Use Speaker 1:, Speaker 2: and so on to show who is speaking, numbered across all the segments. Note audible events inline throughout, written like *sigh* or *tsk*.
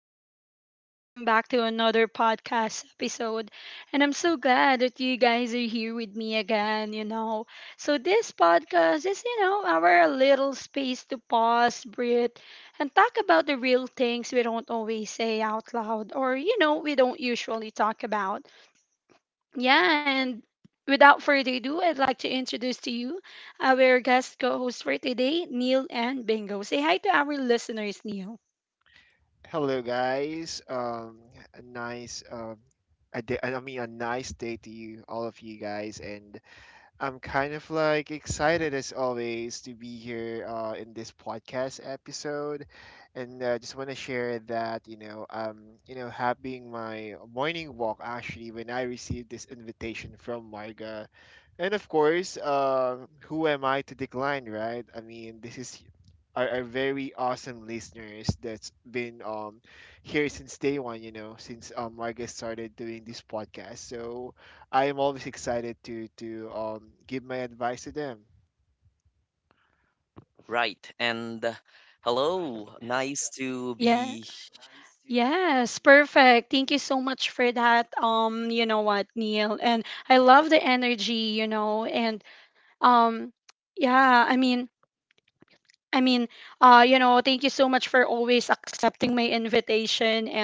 Speaker 1: people, and welcome back to another podcast episode. And I'm so glad that you guys are here with me again, you know. So, this podcast is, you know, our little space to pause, breathe, and talk about the real things we don't always say out loud or, you know, we don't usually talk about. Yeah, and without further ado, I'd like to introduce to you our guest co host for today, Neil and Bingo. Say hi to our listeners, Neil.
Speaker 2: Hello, guys. A nice a day, I mean, a nice day to you, all of you guys, and I'm kind of like excited as always to be here in this podcast episode, and just want to share that having my morning walk actually when I received this invitation from Marga, and of course who am I to decline, right? I mean, this is our very awesome listeners that's been here since day one, since
Speaker 1: Maybe.
Speaker 2: Marga started doing
Speaker 1: Nag-
Speaker 2: this podcast, so I am always excited to give my advice to them.
Speaker 3: Right. And hello.
Speaker 1: yeah.
Speaker 3: Nice to be.
Speaker 1: Yes, perfect. Thank you so much for that. You know what, Neil, and I love the energy, you know, and um yeah, I mean, you know, thank you so much for always accepting my invitation and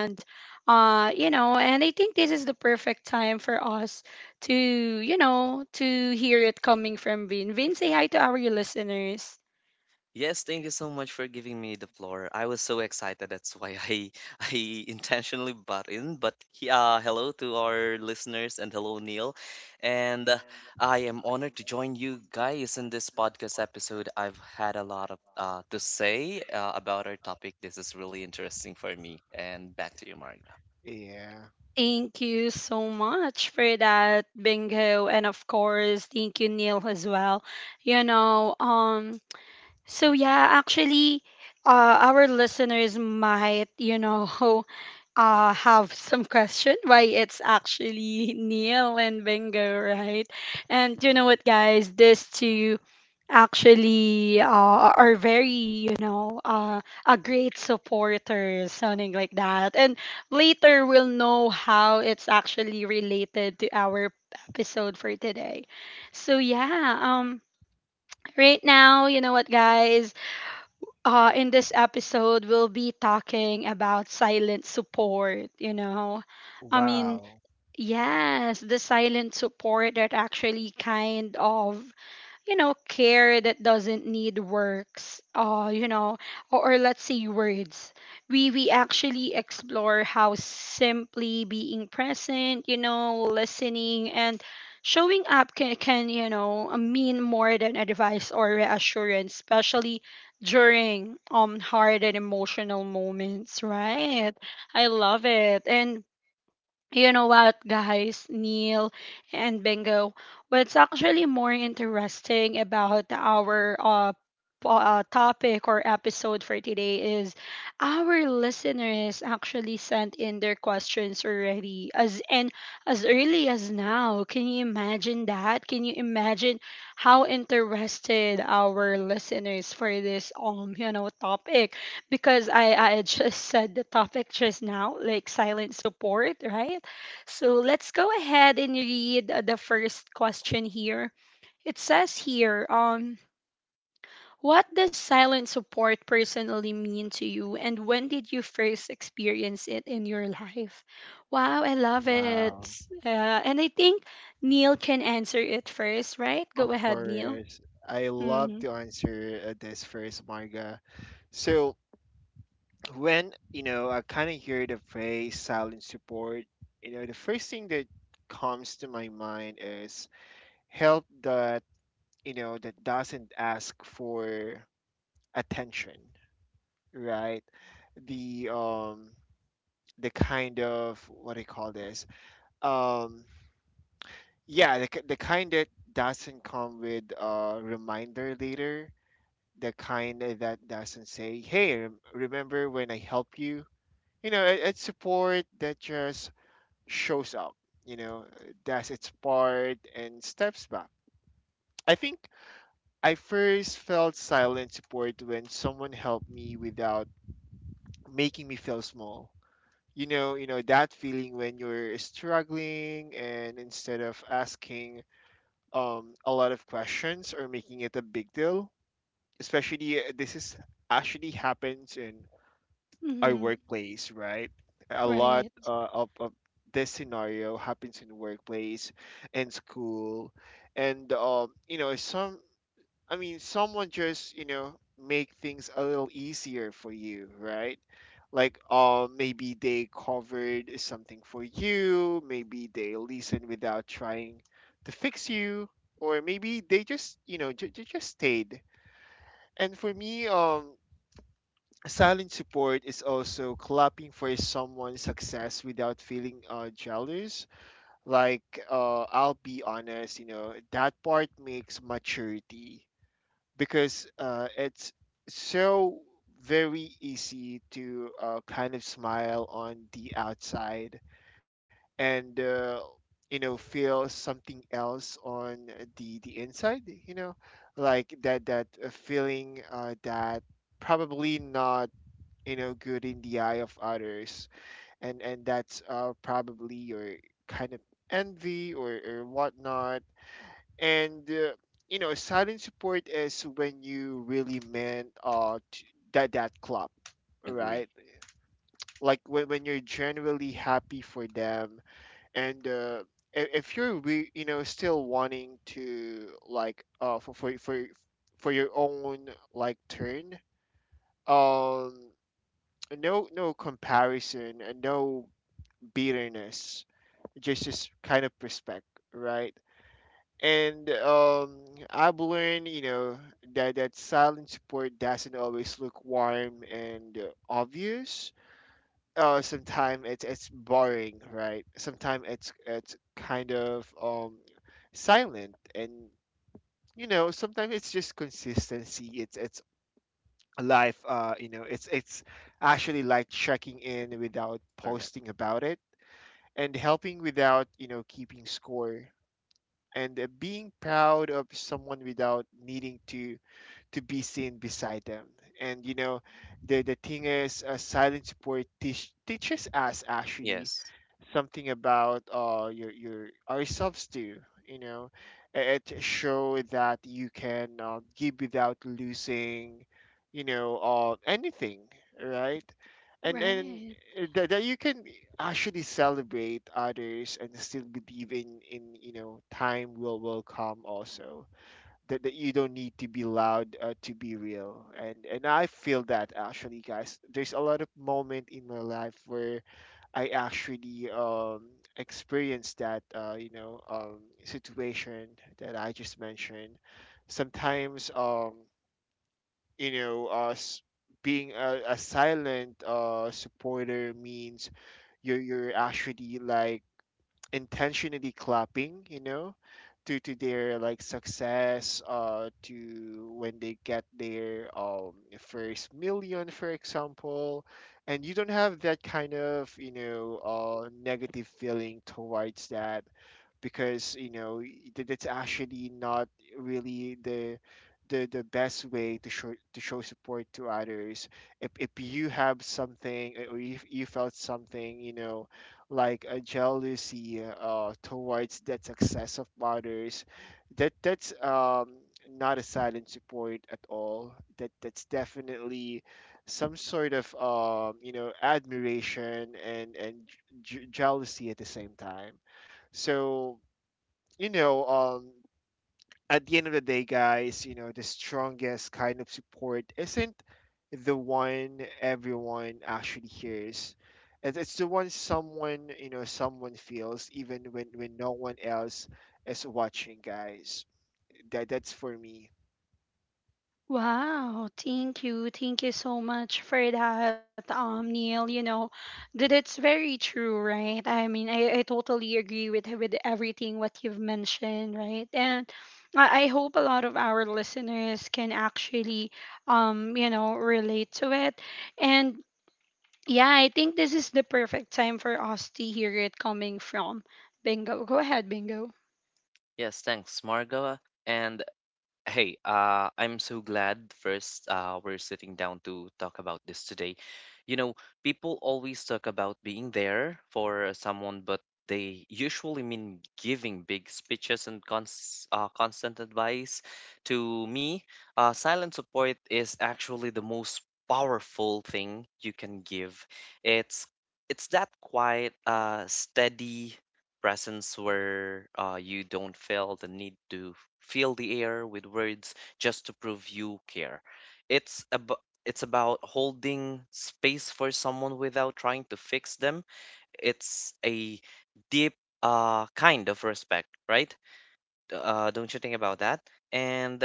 Speaker 1: you know, and I think this is the perfect time for us to, you know, to hear it coming from Vin. Vin, say hi to our listeners.
Speaker 3: Yes, thank you so much for giving me the floor. I was so excited. That's why I *laughs* I intentionally butt in. Hello to our listeners and hello Neil. And I am honored to join you guys in this podcast episode. I've had a lot of to say about our topic. This is really interesting for me. And back to you, Marga.
Speaker 2: Yeah.
Speaker 1: Thank you so much for that, Bingo. And of course, thank you, Neil, as well. You know, um, so yeah, actually, our listeners might, you know, *laughs* have some question why it's actually Neil and Bingo, right? And you know what, guys, these two actually are very, you know, a great supporter, something like that. And later we'll know how it's actually related to our episode for today. So yeah, um, right now, you know what, guys, in this episode, we'll be talking about silent support, you know. I mean,
Speaker 2: Wow.
Speaker 1: yes, the silent support that actually kind of, you know, care that doesn't need works, you know, or let's say words. We actually explore how simply being present, you know, listening and showing up can, you know, mean more than advice or reassurance, especially during hard and emotional moments, right? I love it. And you know what, guys, Neil and Bingo, what's actually more interesting about our topic or episode for today is our listeners actually sent in their questions already as and as early as now. Can you imagine that? Can you imagine how interested our listeners for this you know topic? Because I just said the topic just now, like silent support, right? So let's go ahead and read the first question here. It says here, what does silent support personally mean to you, and when did you first experience it in your life? Wow, I love it.
Speaker 2: Wow.
Speaker 1: And I think Neil can answer it first, right?
Speaker 2: Of
Speaker 1: Go ahead, Neil.
Speaker 2: course. I love
Speaker 1: Mm-hmm.
Speaker 2: to answer this first, Marga. So when, I kind of hear the phrase silent support, the first thing that comes to my mind is help that, that doesn't ask for attention, right? The um the kind of, what do you call this? Um Yeah, the kind that doesn't come with a reminder later, the kind that doesn't say, "Hey, remember when I help you?" It's support that just shows up, you know, does its part and steps back. I think I first felt silent support when someone helped me without making me feel small. You know that feeling when you're struggling, and instead of asking a lot of questions or making it a big deal. Especially this is actually happens in our
Speaker 1: Mm-hmm.
Speaker 2: workplace, right? A lot
Speaker 1: Right.
Speaker 2: of this scenario happens in workplace and school. And you know some. I mean, someone just, make things a little easier for you, right? Like, maybe they covered something for you, maybe they listen without trying to fix you, or maybe they just, they just stayed. And for me, silent support is also clapping for someone's success without feeling jealous. Like, I'll be honest, that part makes maturity, because it's so very easy to kind of smile on the outside, and feel something else on the inside, like that that feeling, that probably not good in the eye of others, and that's probably your kind of envy, or whatnot. And silent support is when you really meant that club,
Speaker 3: Agree.
Speaker 2: right? Like when you're genuinely happy for them, and if you're still wanting to like for your own, like, turn, um no comparison and no bitterness, just kind of respect, right? And I've learned, that that silent support doesn't always look warm and obvious. Sometimes it's boring, right? Sometimes it's kind of silent, and sometimes it's just consistency. It's life. It's actually like checking in without
Speaker 3: Correct.
Speaker 2: posting about it, and helping without keeping score, and being proud of someone without needing to be seen beside them. And the thing is, silent support teaches us actually
Speaker 3: Yes.
Speaker 2: something about your ourselves too. You know, it show that you can give without losing, anything, right? And and
Speaker 1: Right.
Speaker 2: uh, that, that you can actually celebrate others and still believe in time will come also, that you don't need to be loud to be real. And I feel that actually, guys, there's a lot of moment in my life where I actually experienced that, situation that I just mentioned. Sometimes, us being a silent supporter means you're actually like intentionally clapping, to their like success, to when they get their first million, for example, and you don't have that kind of, negative feeling towards that, because that's actually not really the best way to show support to others. If you have something, or if you felt something, like a jealousy towards that success of others, that's not a silent support at all. That's definitely some sort of admiration and jealousy at the same time. So you know um, at the end of the day, guys, the strongest kind of support isn't the one everyone actually hears. It's the one someone feels, even when no one else is watching, guys. That's for me.
Speaker 1: Wow, thank you. Thank you so much for that, Neil. You know, that it's very true, right? I mean, I totally agree with everything what you've mentioned, right? And I hope a lot of our listeners can actually, you know, relate to it. And yeah, I think this is the perfect time for us to hear it coming from Bingo. Go ahead, Bingo.
Speaker 3: Yes, thanks, Margo. And hey, I'm so glad first we're sitting down to talk about this today. You know, people always talk about being there for someone, but they usually mean giving big speeches and constant advice. To me, silent support is actually the most powerful thing you can give. It's it's that quiet, steady presence where you don't feel the need to fill the air with words just to prove you care. It's about it's about holding space for someone without trying to fix them. It's a deep kind of respect, right? Don't you think about that? And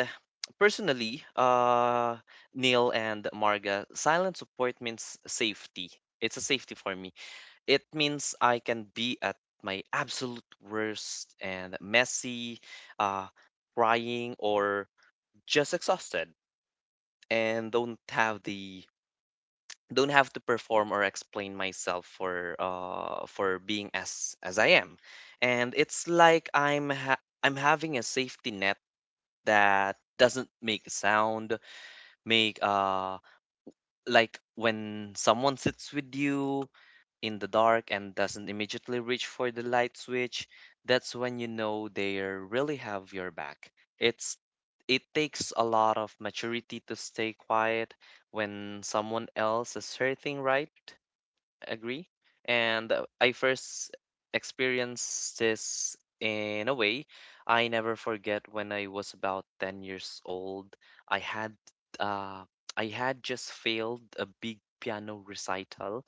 Speaker 3: personally, Neil and Marga, silent support means safety. It's a safety for me, it means I can be at my absolute worst and messy, uh, crying, or just exhausted, and don't have to perform or explain myself for being as I am. And it's like I'm having a safety net that doesn't make a sound, make like when someone sits with you in the dark and doesn't immediately reach for the light switch, that's when you know they really have your back. It's it takes a lot of maturity to stay quiet when someone else is hurting, right? Agree. And I first experienced this in a way I never forget when I was about 10 years old. I had uh, I had just failed a big piano recital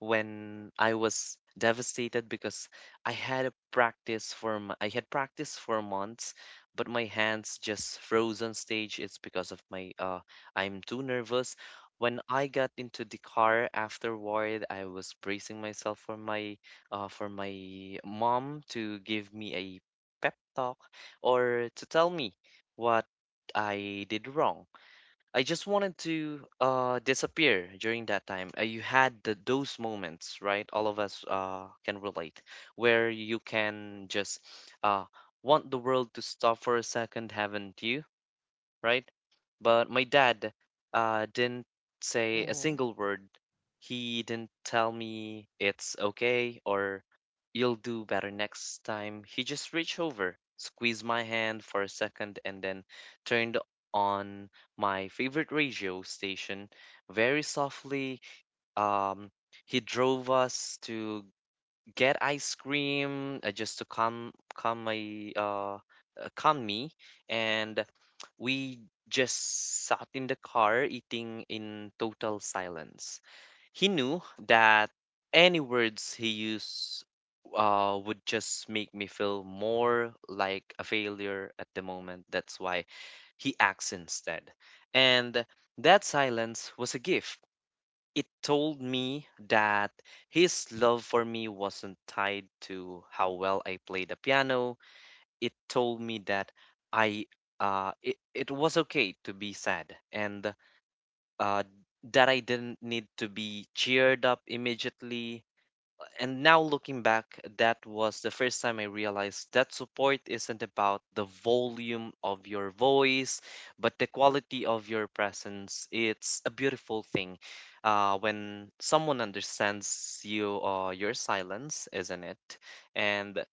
Speaker 3: when I was devastated because I had practiced for months, but my hands just froze on stage. It's because of my I'm too nervous. When I got into the car afterward, I was bracing myself for my mom to give me a pep talk or to tell me what I did wrong. I just wanted to disappear during that time. You had those moments, right? All of us can relate, where you can just uh, want the world to stop for a second, haven't you? Right? But my dad didn't say a
Speaker 2: Mhm.
Speaker 3: single word. He didn't tell me it's okay or you'll do better next time. He just reached over, squeezed my hand for a second, and then turned on my favorite radio station very softly. Um, he drove us to get ice cream just to calm my calm me, and we just sat in the car eating in total silence. He knew that any words he used would just make me feel more like a failure at the moment. That's why he acts instead. And that silence was a gift. It told me that his love for me wasn't tied to how well I played the piano. It told me that I it was okay to be sad and uh that I didn't need to be cheered up immediately. And now looking back, that was the first time I realized that support isn't about the volume of your voice, but the quality of your presence. It's a beautiful thing when someone understands you or your silence, isn't it? And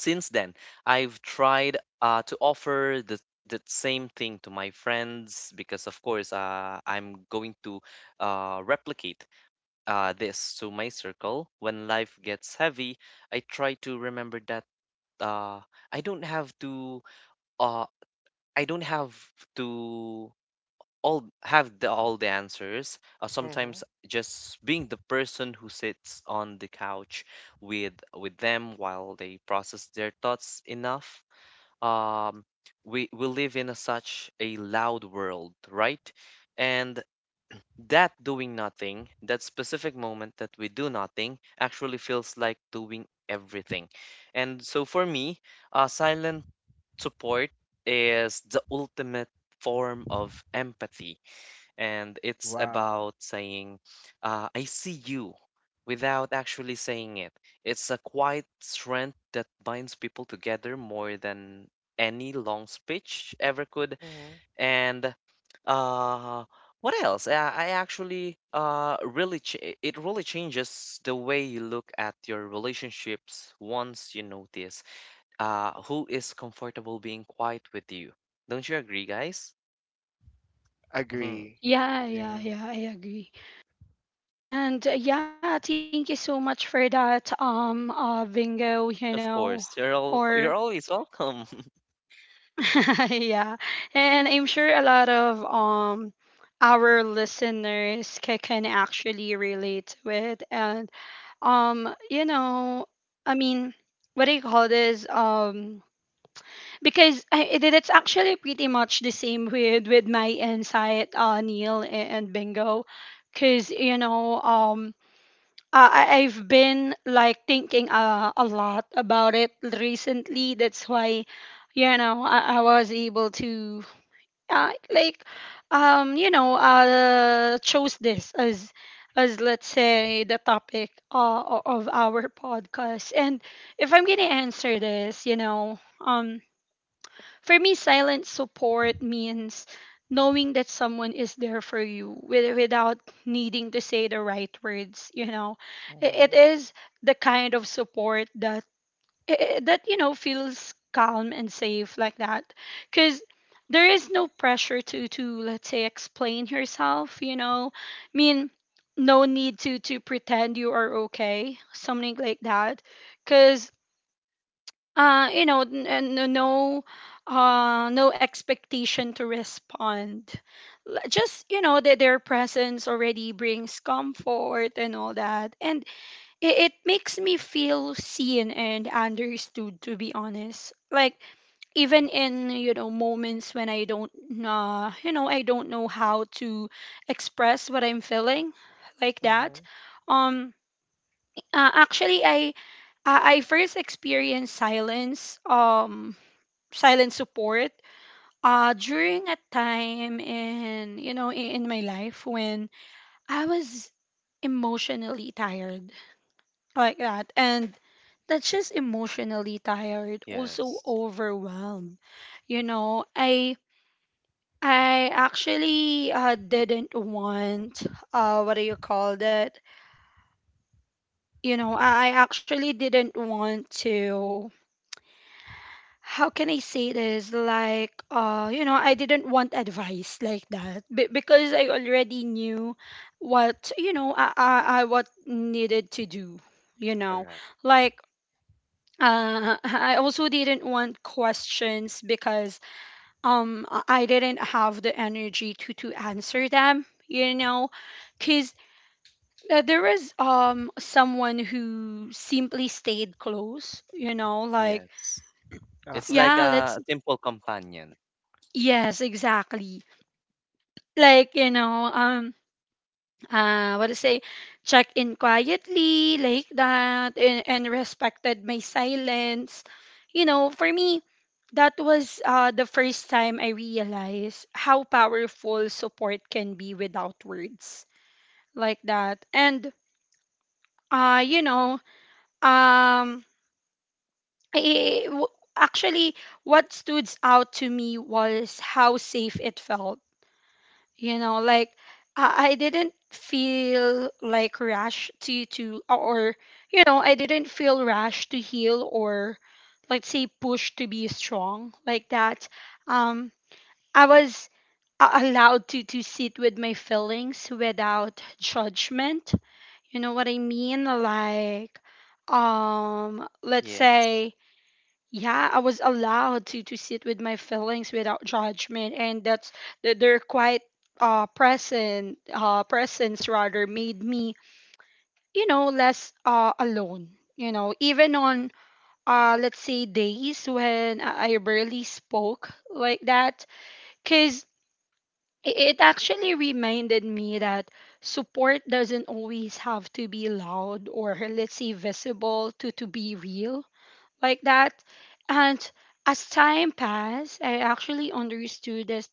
Speaker 3: since then, I've tried to offer the that same thing to my friends, because of course I'm going to replicate this to my circle. When life gets heavy, I try to remember that uh, I don't have to uh, I don't have to all have all the answers.
Speaker 2: Mhm.
Speaker 3: Sometimes just being the person who sits on the couch with them while they process their thoughts enough. Um, we live in a, such a loud world, right? And that doing nothing, that specific moment that we do nothing, actually feels like doing everything. And so for me, silent support is the ultimate form of empathy. And it's
Speaker 2: Wow.
Speaker 3: about saying, I see you without actually saying it. It's a quiet strength that binds people together more than any long speech ever could.
Speaker 2: Mhm.
Speaker 3: And uh, what else? I actually really ch it really changes the way you look at your relationships once you notice who is comfortable being quiet with you. Don't you agree, guys? Hmm.
Speaker 2: Agree.
Speaker 1: Yeah, yeah,
Speaker 2: Yeah.
Speaker 1: yeah, I agree. And yeah, thank you so much for that, bingo, you
Speaker 3: Of
Speaker 1: know,
Speaker 3: course, you're
Speaker 1: or
Speaker 3: always welcome. *laughs*
Speaker 1: *laughs* yeah. And I'm sure a lot of our listeners can actually relate to it. And you know, I mean, what do you call this? Because I, it, it's actually pretty much the same with my insight, Neil and Bingo, because you know, I've been like thinking a lot about it recently. That's why, you know, I was able to like, you know, chose this as let's say the topic of our podcast. And if I'm gonna answer this, you know, for me, silent support means knowing that someone is there for you with, without needing to say the right words. You know, it
Speaker 2: Mhm.
Speaker 1: is the kind of support that that you know feels calm and safe like that, because there is no pressure to, let's say, explain yourself. You know, I mean, no need to pretend you are okay, something like that, because you know no no expectation to respond. Just you know that their presence already brings comfort and all that, and it makes me feel seen and understood, to be honest, like even in, you know, moments when I don't you know, I don't know how to express what I'm feeling, like that.
Speaker 2: Mhm.
Speaker 1: um Actually I first experienced silence silent support during a time in, you know, I- in my life when I was emotionally tired like that, and not just emotionally tired, also
Speaker 3: Yes,
Speaker 1: overwhelmed. You know, I actually didn't want what do you call that you know, I actually didn't want to how can I say this? You know, I didn't want advice, like that, because I already knew what, you know, I what needed to do. You know,
Speaker 3: correct.
Speaker 1: like *laughs* I also didn't want questions, because I didn't have the energy to answer them. You know, because there was someone who simply stayed close. You know, like
Speaker 3: Yes, it's
Speaker 2: Uh-huh.
Speaker 3: like
Speaker 1: yeah, let's,
Speaker 3: a simple companion.
Speaker 1: yes, exactly, like, you know, what to say check in quietly, like that, and respected my silence. You know, for me that was the first time I realized how powerful support can be without words, like that. And you know um I, I- w- Actually what stood out to me was how safe it felt, you know, like I didn't feel like rash to or, you know, I didn't feel rash to heal or, let's say, push to be strong like that. um I was allowed to sit with my feelings without judgment, you know what I mean, like let's
Speaker 3: Yes,
Speaker 1: say, yeah, I was allowed to sit with my feelings without judgment, and that's their quiet quite present presence rather made me, you know, less alone, you know, even on, let's say, days when I barely spoke, like that, because it actually reminded me that support doesn't always have to be loud, or, let's say, visible to be real, like that. And as time passed, I actually understood this,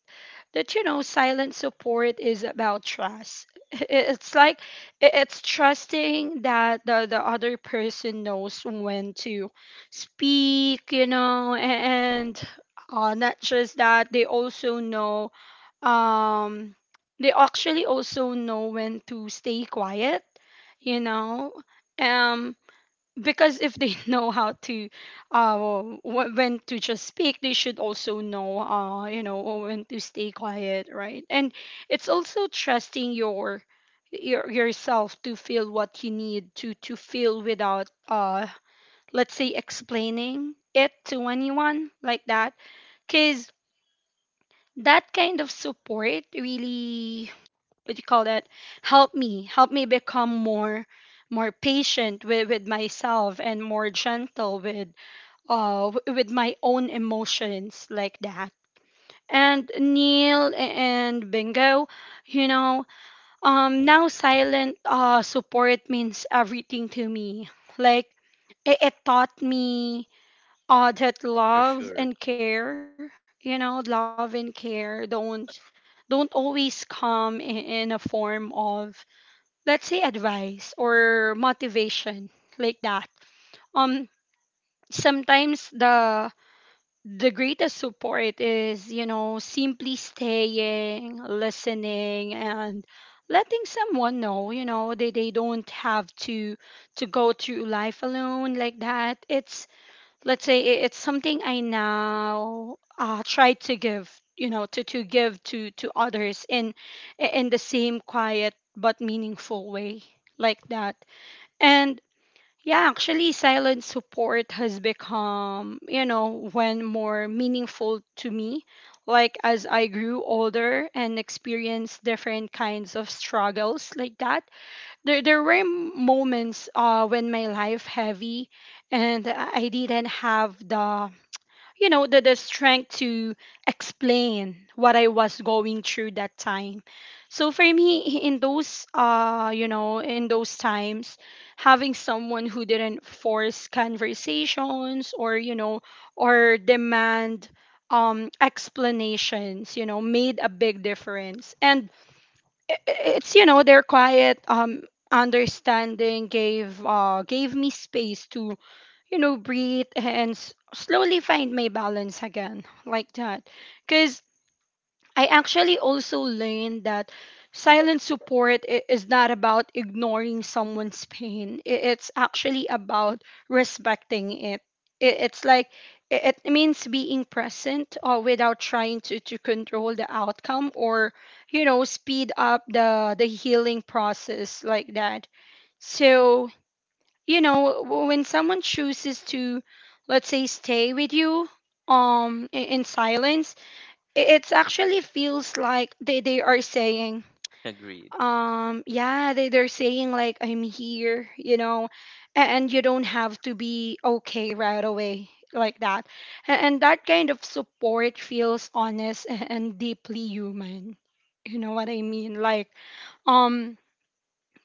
Speaker 1: that, you know, silent support is about trust. *laughs* It's like it's trusting that the other person knows when to speak, you know, and not just that, they also know, um, they actually also know when to stay quiet, you know. Um, because if they *laughs* know how to uh when to just speak, they should also know, you know, when to stay quiet, right? And it's also trusting your yourself to feel what you need to feel without let's say explaining it to anyone, like that. Cuz that kind of support really, what you call that, help me become more more patient with myself, and more gentle with with my own emotions, like that. And Neil and Bingo, you know, now silent support means everything to me. Like, it taught me that
Speaker 3: for sure.
Speaker 1: love and care don't always come in a form of, let's say, advice or motivation, like that. um Sometimes the greatest support is, you know, simply staying, listening, and letting someone know, you know, they don't have to go through life alone, like that. It's, let's say, it's something I now try to give, you know, to give to others in the same quiet but meaningful way, like that. And yeah, actually, silent support has become, you know, when more meaningful to me. Like, as I grew older and experienced different kinds of struggles, like that, there were moments when my life heavy, and I didn't have the, you know, the strength to explain what I was going through that time. So for me, in those, you know, in those times, having someone who didn't force conversations, or, you know, or demand explanations, you know, made a big difference. And it's, you know, their quiet understanding gave gave me space to, you know, breathe and slowly find my balance again, like that. Because I actually also learned that silent support is not about ignoring someone's *laughs* pain. It's actually about respecting it. It's like it means being present, without trying to control the outcome, or, you know, speed up the healing process, like that. So, when someone chooses to, let's say, stay with you in silence, it's actually feels like they are saying
Speaker 3: Agreed.
Speaker 1: they're saying like I'm here, and you don't have to be okay right away like that. And that kind of support feels honest and deeply human, you know what I mean like um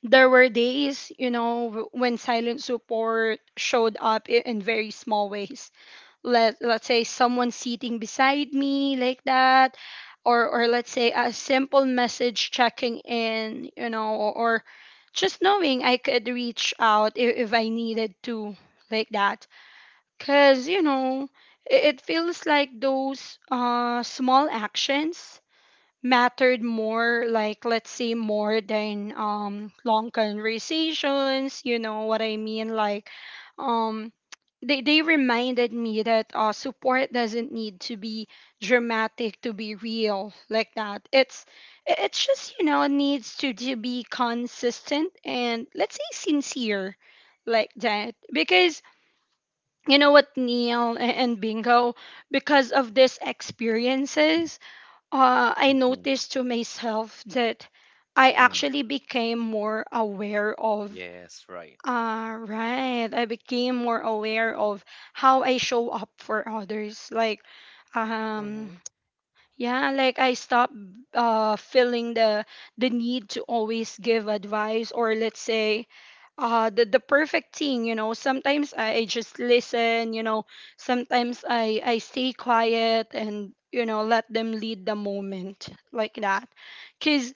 Speaker 1: there were days, when silent support showed up in very small ways. Let's say someone sitting beside me like that, or let's say a simple message checking in, or just knowing I could reach out if I needed to, like that. Because it feels like those small actions mattered more, like let's say more than long conversations, you know what I mean like um they reminded me that support doesn't need to be dramatic to be real, like that. It's just, you know, it needs to be consistent and, let's say, sincere like that. Because, you know what, Neil and Bingo, because of these experiences, I noticed to myself that I
Speaker 3: Hmm.
Speaker 1: actually became more aware of.
Speaker 3: Yes, right.
Speaker 1: Right. I became more aware of how I show up for others. Like, um,
Speaker 2: Mhm.
Speaker 1: yeah, like I stopped feeling the need to always give advice, or let's say the perfect thing. You know, sometimes I just listen. You know, sometimes I stay quiet and, you know, let them lead the moment like that. Cause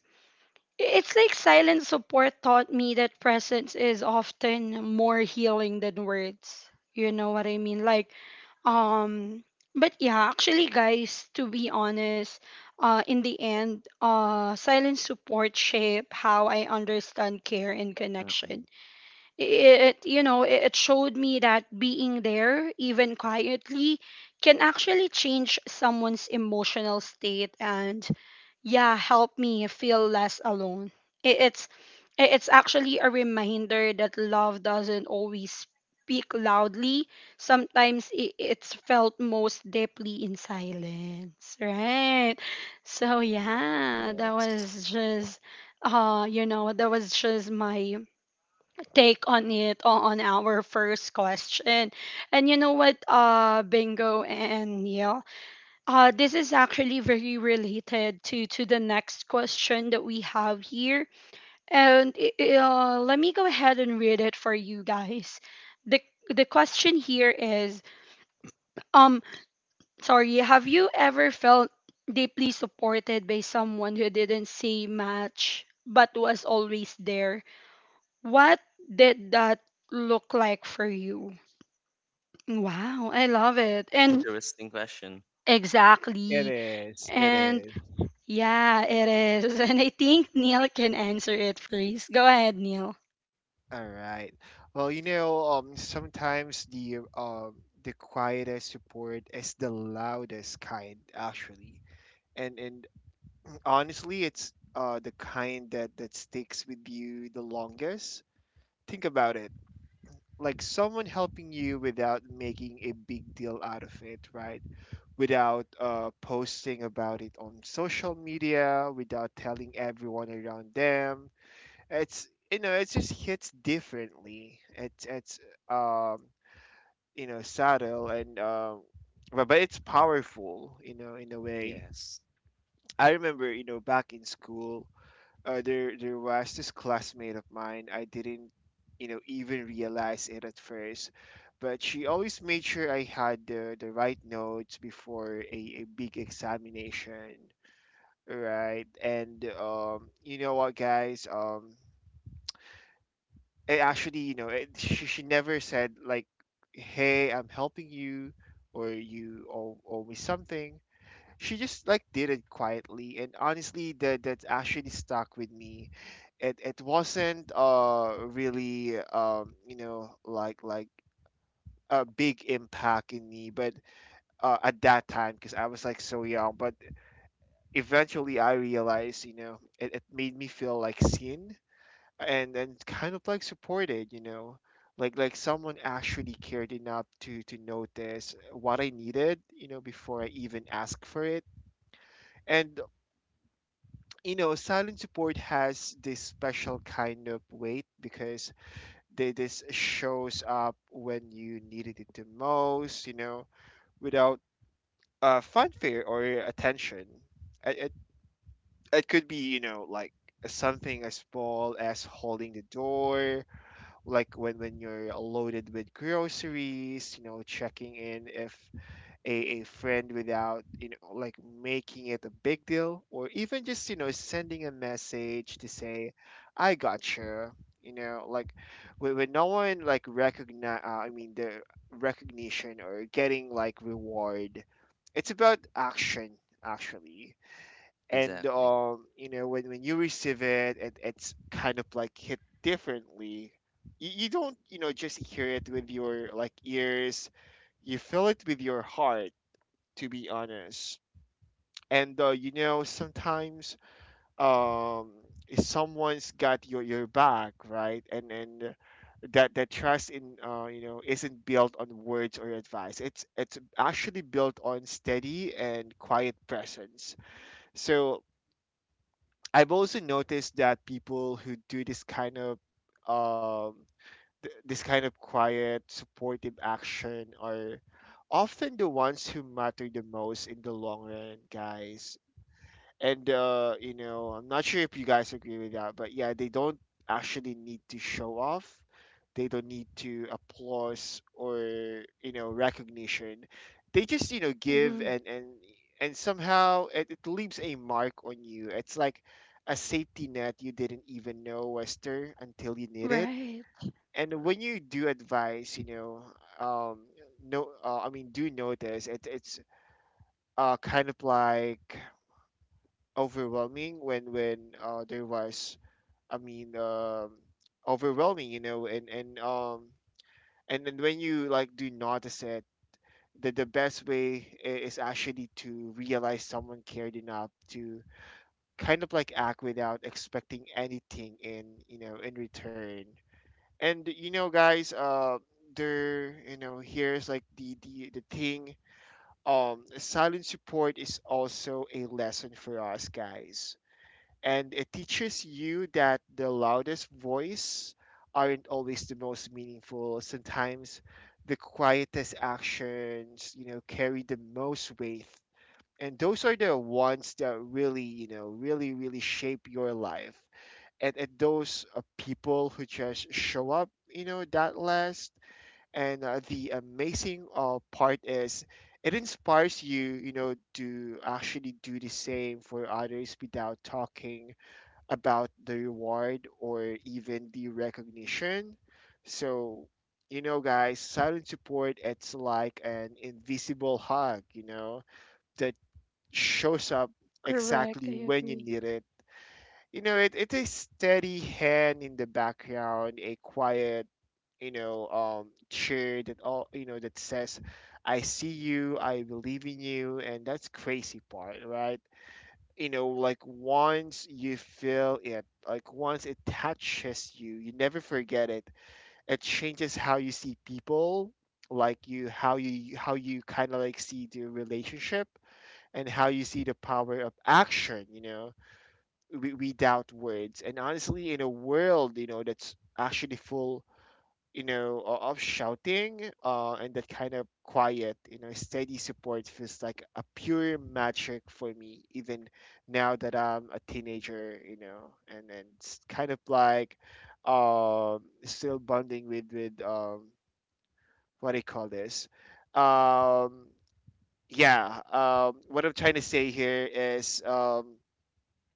Speaker 1: it's like silent support taught me that presence is often more healing than words. You know what I mean? Like, um, but yeah, actually, guys, to be honest, in the end, silent support shape how I understand care and connection.
Speaker 3: Mm-mm.
Speaker 1: It you know, it showed me that being there, even quietly, can actually change someone's emotional state and, yeah, help me feel less alone. It, it's it- it's actually a reminder that love doesn't always speak loudly. Sometimes it's felt most deeply in silence, right? So yeah, that
Speaker 3: Yes.
Speaker 1: was just you know, that was just my take on it on our first question. And you know what, Bingo and Neil, this is actually very related to the next question that we have here. And let me go ahead and read it for you guys. the The question here is, um, sorry, have you ever felt deeply supported by someone who didn't say much but was always there? What did that look like for you? Wow, I love it. And
Speaker 3: Interesting question.
Speaker 2: It
Speaker 1: exactly.
Speaker 2: is. It
Speaker 1: And
Speaker 2: is.
Speaker 1: yeah, it is. *laughs* And I think Neil can answer it. Please go ahead, Neil.
Speaker 2: All right. Well, sometimes the quietest support is the loudest kind, actually. And honestly, it's the kind that sticks with you the longest. Think about it. Like someone helping you without making a big deal out of it, right? Without posting about it on social media, without telling everyone around them. It's, it just hits differently. It's it's um you know subtle, and but it's powerful, in a way.
Speaker 3: Yes,
Speaker 2: I remember, back in school, there was this classmate of mine. I didn't even realize it at first, but she always made sure I had the right notes before a big examination, right? And, you know what, guys? Um it actually you know it, she, she never said, like, "Hey, I'm helping you," or, "You owe me something." She just, like, did it quietly, and honestly, that actually stuck with me. It wasn't really like a big impact in me, but at that time, because I was, like, so young. But eventually I realized, it made me feel, like, seen, and kind of, like, supported, like someone actually cared enough to notice what I needed, before I even asked for it. And, silent support has this special kind of weight, because they this shows up when you needed it the most, without fanfare or attention. It, it, it could be, like something as small as holding the door, like when you're loaded with groceries, checking in if a friend, without, like, making it a big deal, or even just, sending a message to say, "I gotcha." You know, like when no one, like, recognize, I mean, the recognition or getting, like, reward, it's about action, actually. And,
Speaker 3: exactly.
Speaker 2: when you receive it, it's kind of, like, hit differently. You don't, just hear it with your, like, ears. You feel it with your heart, to be honest. And, sometimes, um someone's got your back, right? And that trust in you know isn't built on words or advice. It's actually built on steady and quiet presence. So I've also noticed that people who do um, this kind of quiet, supportive action are often the ones who matter the most in the long run, guys. And, I'm not sure if you guys agree with that, but yeah, they don't actually need to show off. They don't need to applause or, recognition. They just,
Speaker 1: Hmm.
Speaker 2: give. And somehow it leaves a mark on you. It's like a safety net you didn't even know was there until you need it.
Speaker 1: Right.
Speaker 2: And when
Speaker 3: Correct.
Speaker 2: you do advise, um, no, I mean, do notice it. It's kind of, like, overwhelming when there was, I mean, overwhelming, and then when you, like, do notice it, the best way is actually to realize someone cared enough to kind of, like, act without expecting anything in, in return. And, guys, there you know here's, like, the thing. Silent support is also a lesson for us, guys, and it teaches you that the loudest voice aren't always the most meaningful. Sometimes the quietest actions, carry the most weight. And those are the ones that really, really, really shape your life. And those, people who just show up, that last. And, the amazing part is, it inspires you, to actually do the same for others without talking about the reward or even the recognition. So, guys, silent support, it's like an invisible hug, that shows up
Speaker 1: Correct. I
Speaker 2: exactly when you
Speaker 1: agree.
Speaker 2: need it. It is steady hand in the background, a quiet, cheer that all, that says, I see you, I believe in you, and that's crazy part, right? Like once you feel it, like once it touches you, you never forget it. It changes how you see people, like you how you how you kind of like see the relationship and how you see the power of action. We doubt words, and honestly, in a world that's actually full of shouting and that kind of quiet, steady support feels like a pure magic for me, even now that I'm a teenager, and it's kind of like still bonding with, what do you call this? Um, yeah, what I'm trying to say here is,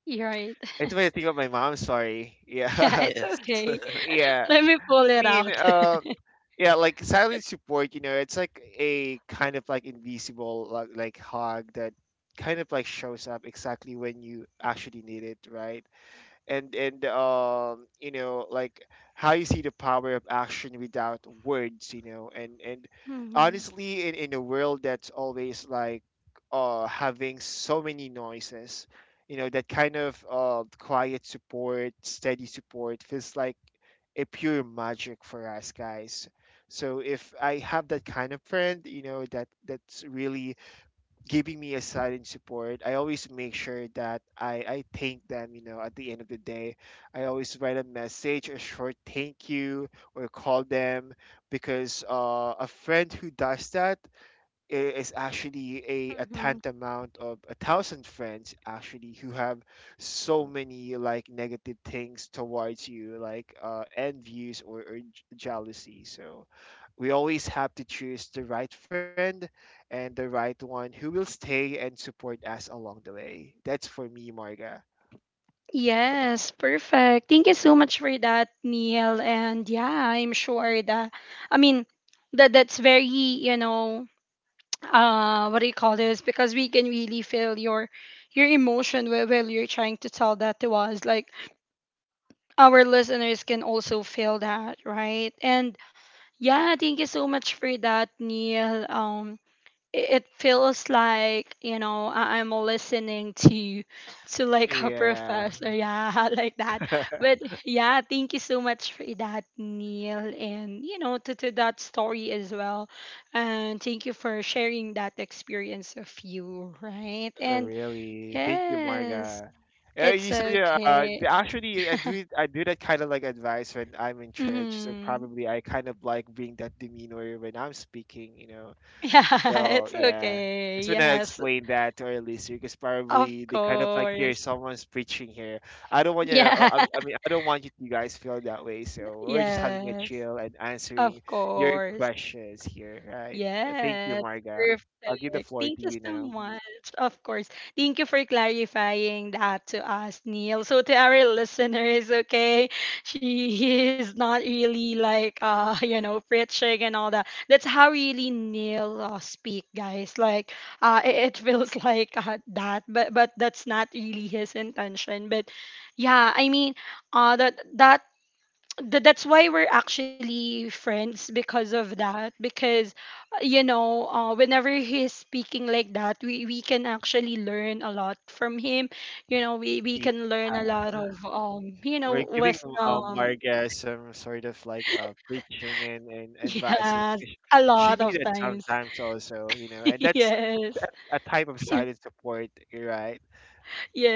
Speaker 1: You're right.
Speaker 2: it's what I
Speaker 1: *laughs*
Speaker 2: think of my mom, sorry.
Speaker 1: Yeah,
Speaker 2: Yeah.
Speaker 1: it's
Speaker 3: Yes,
Speaker 1: okay.
Speaker 2: *laughs*
Speaker 3: *laughs*
Speaker 2: Yeah.
Speaker 1: Let me pull
Speaker 2: I
Speaker 1: it
Speaker 2: mean,
Speaker 1: out.
Speaker 2: uh, yeah, like silent support, it's like a kind of like invisible like hug that kind of like shows up exactly when you actually need it, right? And like how you see the power of action without words. You know and
Speaker 1: *laughs* Hmm.
Speaker 2: Honestly, in a world that's always like having so many noises, that kind of quiet support, steady support, feels like a pure magic for us guys. So if I have that kind of friend, that that's really giving me a side and support. I always make sure that I thank them, you know, at the end of the day. I always write a message, a short thank you, or call them, because a friend who does that is actually a
Speaker 1: Hmm.
Speaker 2: tantamount of a thousand friends actually who have so many like negative things towards you, like envies or, jealousy. So we always have to choose the right friend and the right one who will stay and support us along the way. That's for me, Marga.
Speaker 1: Yes, perfect. Thank you so much for that, Neil. And yeah, I'm sure that, I mean, that that's very, you know, what do you call this, because we can really feel your emotion while you're trying to tell that to us, like our listeners can also feel that, right? And yeah, thank you so much for that, Neil. It feels like, you know, I'm listening to *laughs* to like a
Speaker 2: Yeah.
Speaker 1: professor, yeah, *laughs* like that.
Speaker 2: *laughs*
Speaker 1: But yeah, thank you so much for that, Neil, and you know, to that story as well, and thank you for sharing that experience of you, right?
Speaker 2: Oh,
Speaker 1: And
Speaker 2: really? Thank you,
Speaker 1: yes,
Speaker 2: Marga.
Speaker 1: it's
Speaker 2: You said yeah.
Speaker 1: okay.
Speaker 2: Actually, I do that kind of like advice when I'm in church. So
Speaker 1: Hmm.
Speaker 2: probably I kind of like bring that demeanor when I'm speaking. You know.
Speaker 1: *laughs* Yeah,
Speaker 2: Well,
Speaker 1: it's
Speaker 2: yeah.
Speaker 1: okay.
Speaker 2: Just when I
Speaker 1: Yes.
Speaker 2: explain that to our listener, because
Speaker 1: Of
Speaker 2: probably they kind of like hear
Speaker 1: course.
Speaker 2: someone's preaching here. I don't want you.
Speaker 1: Yeah.
Speaker 2: I mean, I don't want you to guys feel that way.
Speaker 1: *laughs*
Speaker 2: So we're just having a
Speaker 1: Yes.
Speaker 2: chill and
Speaker 1: Of
Speaker 2: answering your
Speaker 1: course.
Speaker 2: questions here, right? Thank
Speaker 1: Yes,
Speaker 2: you, Marga. I'll give the
Speaker 1: perfect.
Speaker 2: floor
Speaker 1: Thank
Speaker 2: to
Speaker 1: you
Speaker 2: you
Speaker 1: so
Speaker 2: now.
Speaker 1: much. Of course. Thank you for clarifying that to us, Neil. So to our *laughs* listeners, okay, she is not really like *laughs* you know, preaching and all that. That's how really Neil speak, guys. Like it feels *laughs* like that, but that's not really his intention. But yeah, I mean, uh that that that's why we're actually friends because of that, because you know, whenever he's speaking like that, we can actually learn a lot from him. You know, we can learn a lot of you know,
Speaker 2: We're giving
Speaker 1: wisdom.
Speaker 2: our guest some sort of like preaching and
Speaker 1: *laughs*
Speaker 2: advice. And
Speaker 1: Yes.
Speaker 2: She
Speaker 1: A
Speaker 2: she
Speaker 1: lot of
Speaker 2: needed
Speaker 1: times.
Speaker 2: sometimes also, you know,
Speaker 1: *laughs*
Speaker 2: and that's
Speaker 1: Yes.
Speaker 2: a type of silent support, you're right?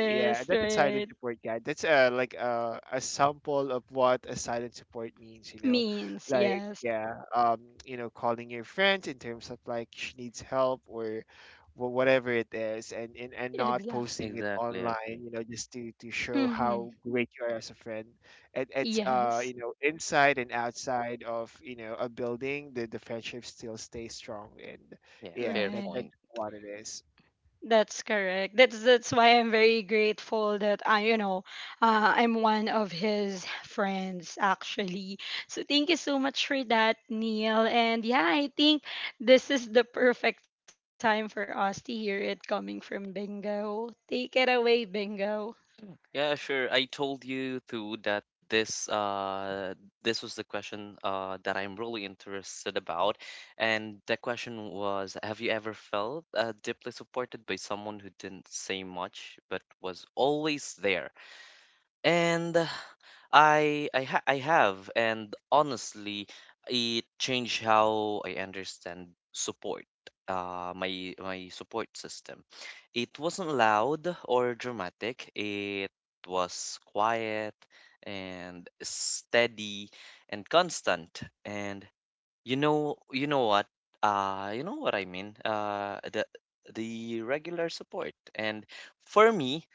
Speaker 2: Yeah, that's a silent
Speaker 1: right.
Speaker 2: support guide. That's like a sample of what a silent support means, you know.
Speaker 1: Means,
Speaker 2: Like
Speaker 1: yes.
Speaker 2: yeah, you know, calling your friends in terms of like she needs help or whatever it is, and and not
Speaker 1: Exactly.
Speaker 2: posting it
Speaker 3: exactly. I
Speaker 2: online,
Speaker 3: agree.
Speaker 2: you know, just to show
Speaker 1: Hmm.
Speaker 2: how great you are as a friend. It's
Speaker 1: Yes,
Speaker 2: you know, inside and outside of, you know, a building, the friendship still stays strong. And
Speaker 3: Yeah,
Speaker 2: yeah,
Speaker 3: fair
Speaker 2: that
Speaker 1: right.
Speaker 2: that's
Speaker 3: point.
Speaker 2: what it is.
Speaker 1: That's correct. That's why I'm very grateful that I, you know, I'm one of his friends actually. So thank you so much for that, Neil. And yeah, I think this is the perfect time for us to hear it coming from Bingo. Take it away, Bingo.
Speaker 3: Yeah, sure. I told you too that this uh this was the question that I'm really interested about, and the question was, have you ever felt deeply supported by someone who didn't say much but was always there? And I have, and honestly it changed how I understand support, my my support system. It wasn't loud or dramatic. It was quiet and steady and constant. And you know what? Uh, you know what I mean? The regular support. And for me,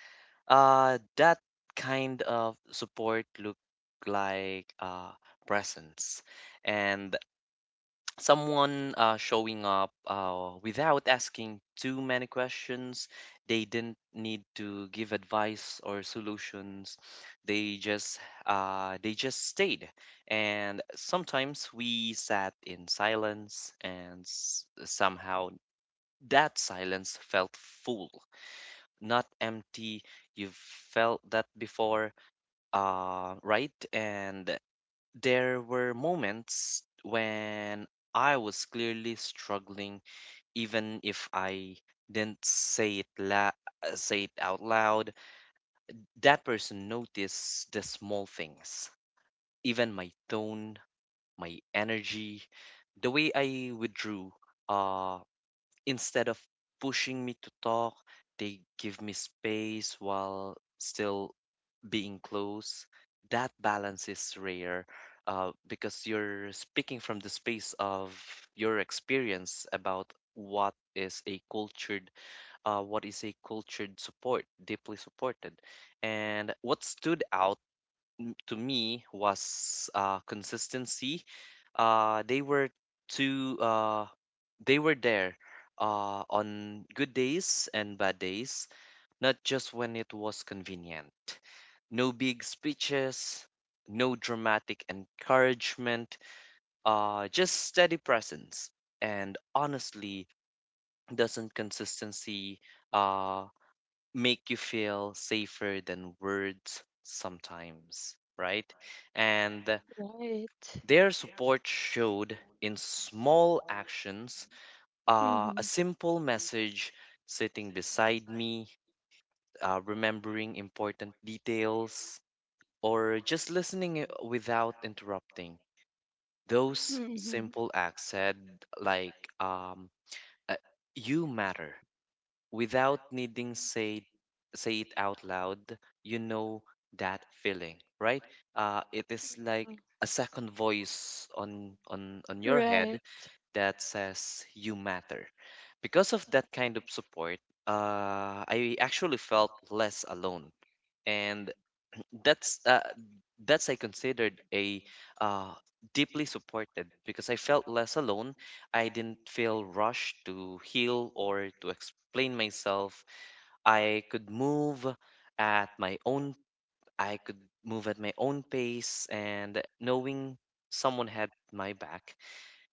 Speaker 3: that kind of support look like presence and *tsk* someone showing up without asking too many questions. They didn't need to give advice or solutions. They just they just stayed. And sometimes we sat in silence, and somehow that silence felt full, not empty. You've felt that before, right? And there were moments when I was clearly struggling, even if I didn't say it la say it out loud. That person noticed the small things, even my tone, my energy, the way I withdrew. Uh, instead of pushing me to talk, they give me space while still being close. That balance is rare, because you're speaking from the space of your experience about what is a cultured support, deeply supported. And what stood out to me was consistency. uh, they were too uh, they were there on good days and bad days, not just when it was convenient. No big speeches, no dramatic encouragement, just steady presence. And honestly, doesn't consistency uh, make you feel safer than words sometimes, right? And
Speaker 1: Right.
Speaker 3: their support showed in small actions,
Speaker 1: Mm-hmm.
Speaker 3: a simple message, sitting beside me, remembering important details, or just listening without interrupting. Those
Speaker 1: Mm-hmm.
Speaker 3: simple acts said, like, um, uh, you matter without needing say say it out loud. You know that feeling, right? Uh, it is like a second voice on your head
Speaker 1: Right.
Speaker 3: that says you matter. Because of that kind of support, I actually felt less alone. And that's uh, that's I considered a, uh, deeply supported, because I felt less alone. I didn't feel rushed to heal or to explain myself. I could move at my own. I could move at my own pace, and knowing someone had my back,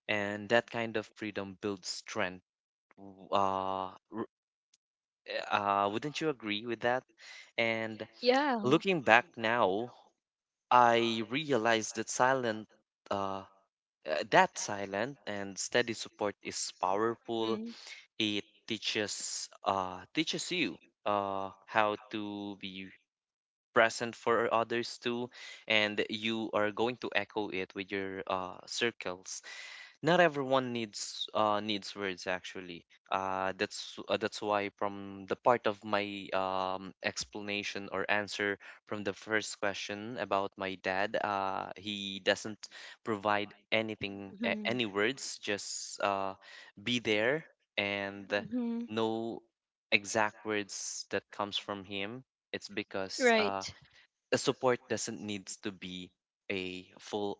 Speaker 3: and that kind of freedom builds strength. W- Uh, r- wouldn't you agree with that? And
Speaker 1: Yeah.
Speaker 3: looking back now, I realized that uh, silent and steady support is powerful.
Speaker 1: Mhm.
Speaker 3: It teaches you how to be present for others too, and you are going to echo it with your circles. Not everyone needs words, actually. That's why from the part of my explanation or answer from the first question about my dad, he doesn't provide anything,
Speaker 1: Mhm.
Speaker 3: any words, just be there. And
Speaker 1: Mhm.
Speaker 3: no exact words that comes from him. It's because
Speaker 1: Right.
Speaker 3: the support doesn't needs to be a full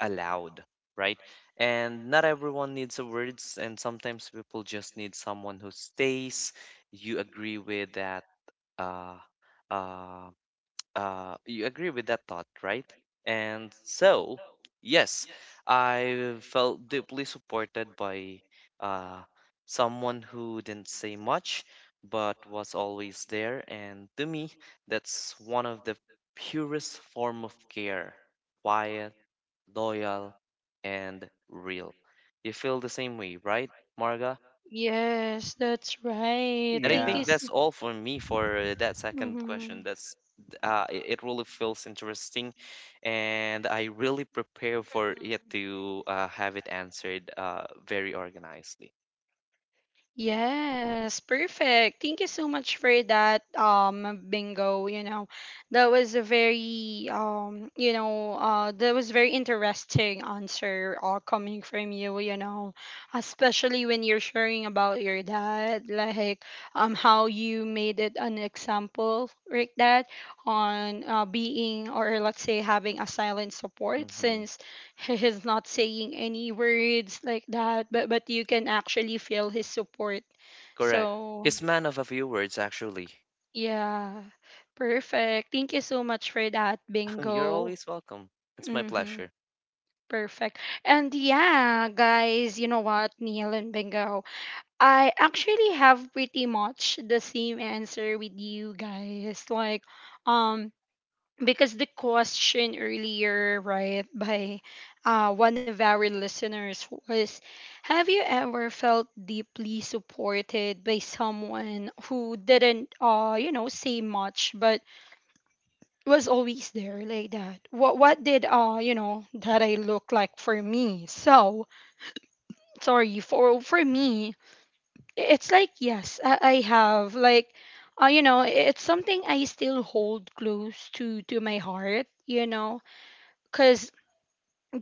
Speaker 3: allowed, right? And not everyone needs the words, and sometimes people just need someone who stays. You agree with that, uh, uh, you agree with that thought, right? And so, yes, I felt deeply supported by uh, someone who didn't say much, but was always there. And to me, that's one of the purest form of care. Quiet, loyal, and real. You feel the same way, right, Marga?
Speaker 1: Yes, that's right.
Speaker 3: And I
Speaker 1: Thank you.
Speaker 3: think
Speaker 2: Yeah.
Speaker 3: that's
Speaker 1: So.
Speaker 3: all for me for that second question.
Speaker 1: Mhm.
Speaker 3: That's it really feels interesting, and I really prepare for it
Speaker 1: Mhm.
Speaker 3: to have it answered very organizedly.
Speaker 1: Yes, perfect. Thank you so much for that, Bingo, you know. That was a very you know, that was very interesting answer coming from you, you know, especially when you're sharing about your dad. Like, how you made it an example like that on being, or let's say having a silent support,
Speaker 3: Hmm.
Speaker 1: since he's not saying any words like that, but you can actually feel his support.
Speaker 3: Correct.
Speaker 1: So
Speaker 3: He's man of a few words, actually.
Speaker 1: yeah, perfect, thank you so much for that,
Speaker 3: *laughs* You're
Speaker 1: Bingo.
Speaker 3: always welcome. It's my
Speaker 1: Mm-hmm.
Speaker 3: pleasure.
Speaker 1: Perfect. And yeah, guys, you know what, Neil and Bingo, I actually have pretty much the same answer with you guys. Like, um because the question earlier, right, by one of our listeners was, have you ever felt deeply supported by someone who didn't, you know, say much but was always there like that? What did, you know, that I look like for me? So, sorry, for me, it's like, yes, I have. Like, you know, it's something I still hold close to my heart, you know. Cause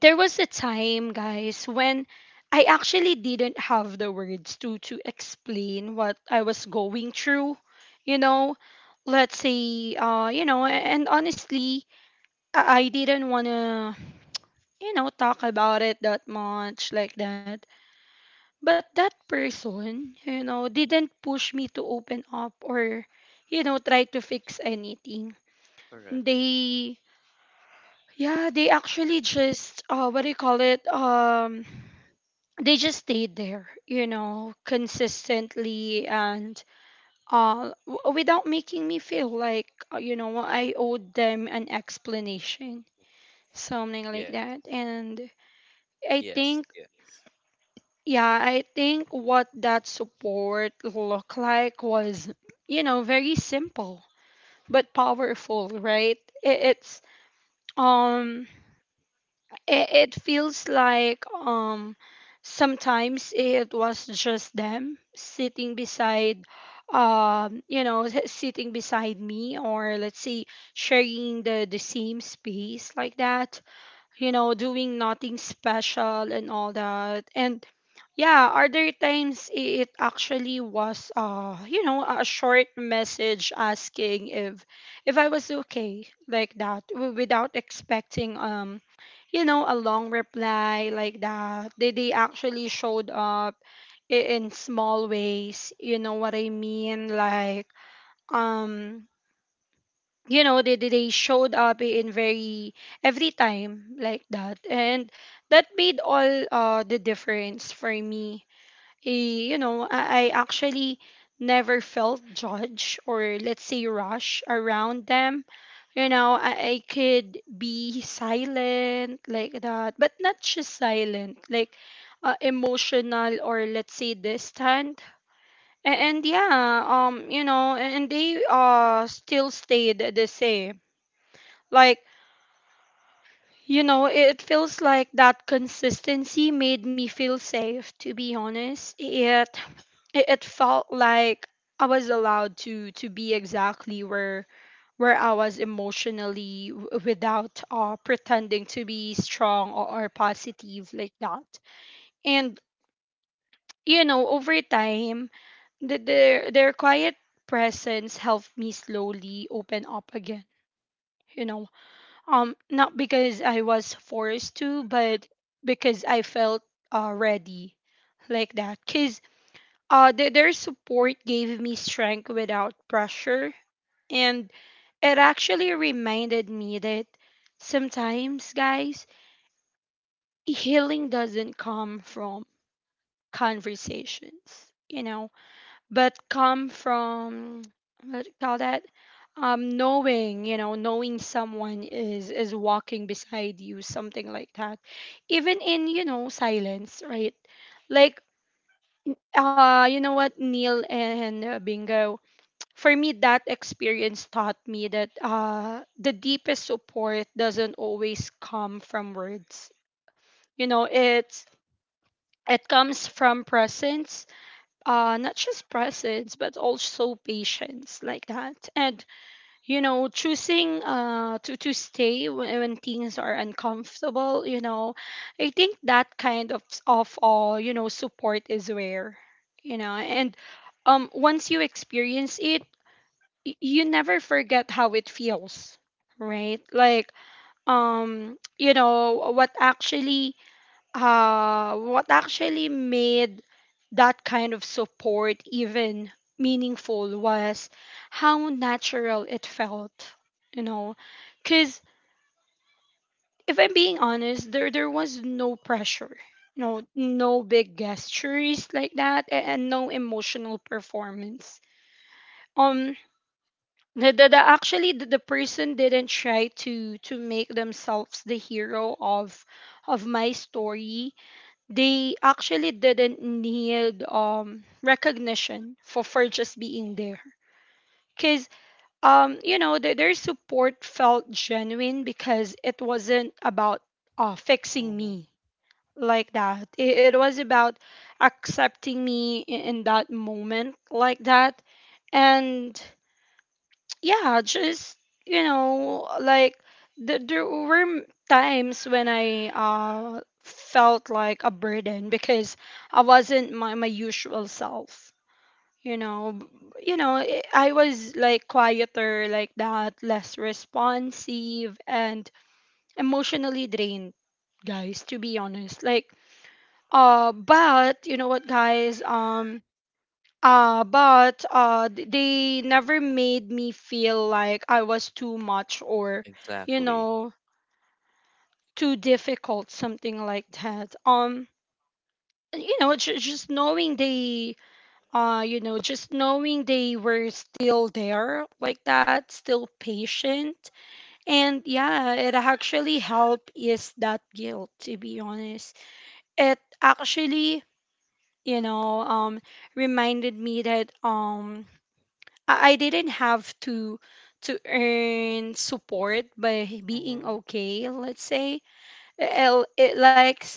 Speaker 1: there was a time, guys, when I actually didn't have the words to explain what I was going through. You know, let's say, and honestly, I didn't wanna, you know, talk about it that much like that. But that person, you know, didn't push me to open up, or, you know, try to fix anything.
Speaker 3: Correct.
Speaker 1: They, yeah, they actually just, what do you call it? They just stayed there, you know, consistently and without making me feel like, you know, I owed them an explanation, something like
Speaker 3: Yes.
Speaker 1: that. And I
Speaker 3: Yes.
Speaker 1: think,
Speaker 3: Yes.
Speaker 1: yeah, I think what that support looked like was, you know, very simple but powerful, right? I- It's, um, it feels like, sometimes it was just them sitting beside you know, sitting beside me, or let's say sharing the same space like that, you know, doing nothing special and all that. And yeah, other times it actually was you know, a short message asking if I was okay like that, without expecting you know, a long reply like that. They actually showed up in small ways, you know what I mean? Like, um you know, they showed up in very every time like that, and that made all the difference for me. Eh, you know, I actually never felt judged, or let's say rush around them. You know, I could be silent like that, but not just silent like emotional, or let's say distant. And yeah, you know, and they still stayed the same. Like, you know, it feels like that consistency made me feel safe, to be honest. It felt like I was allowed to be exactly where I was emotionally, without pretending to be strong, or positive like that. And you know, over time, their quiet presence helped me slowly open up again. You know, not because I was forced to, but because I felt ready like that. Because their support gave me strength without pressure. And it actually reminded me that sometimes, guys, healing doesn't come from conversations. You know, but come from, what do you call that, knowing, you know, knowing someone is walking beside you, something like that, even in, you know, silence, right? Like, you know what, Neil and, Bingo, *tsk* for me, that experience taught me that the deepest support doesn't always come from words. You know, it's it comes from presence. Not just presence, but also patience, like that. And you know, choosing to stay when things are uncomfortable, you know. I think that kind of all, you know, support is rare, you know. And once you experience it, you never forget how it feels, right? Like, you know what actually, what actually made that kind of support even meaningful was how natural it felt, you know. Because if I'm being honest, there was no pressure, you know, no big gestures like that, and no emotional performance. Um, the actually the person didn't try to make themselves the hero of my story. They actually didn't need recognition for just being there. Cause, you know, their support felt genuine because it wasn't about fixing
Speaker 2: Mm-hmm.
Speaker 1: me like that. It was about accepting me in that moment like that and yeah, just you know, like there were times when I felt like a burden because I wasn't my usual self. You know, B- you know, I was like quieter like that, less responsive and emotionally drained, guys, to be honest. Like but you know what guys, but th- they never made me feel like I was too much or, you
Speaker 3: Exactly.
Speaker 1: know, too difficult, something like that. Just knowing they, you know, just knowing they were still there like that, still patient, and yeah, it actually helped ease that guilt. To be honest, it actually, you know, um, reminded me that I didn't have to earn support by being
Speaker 2: Mm-hmm.
Speaker 1: okay, let's say. It likes,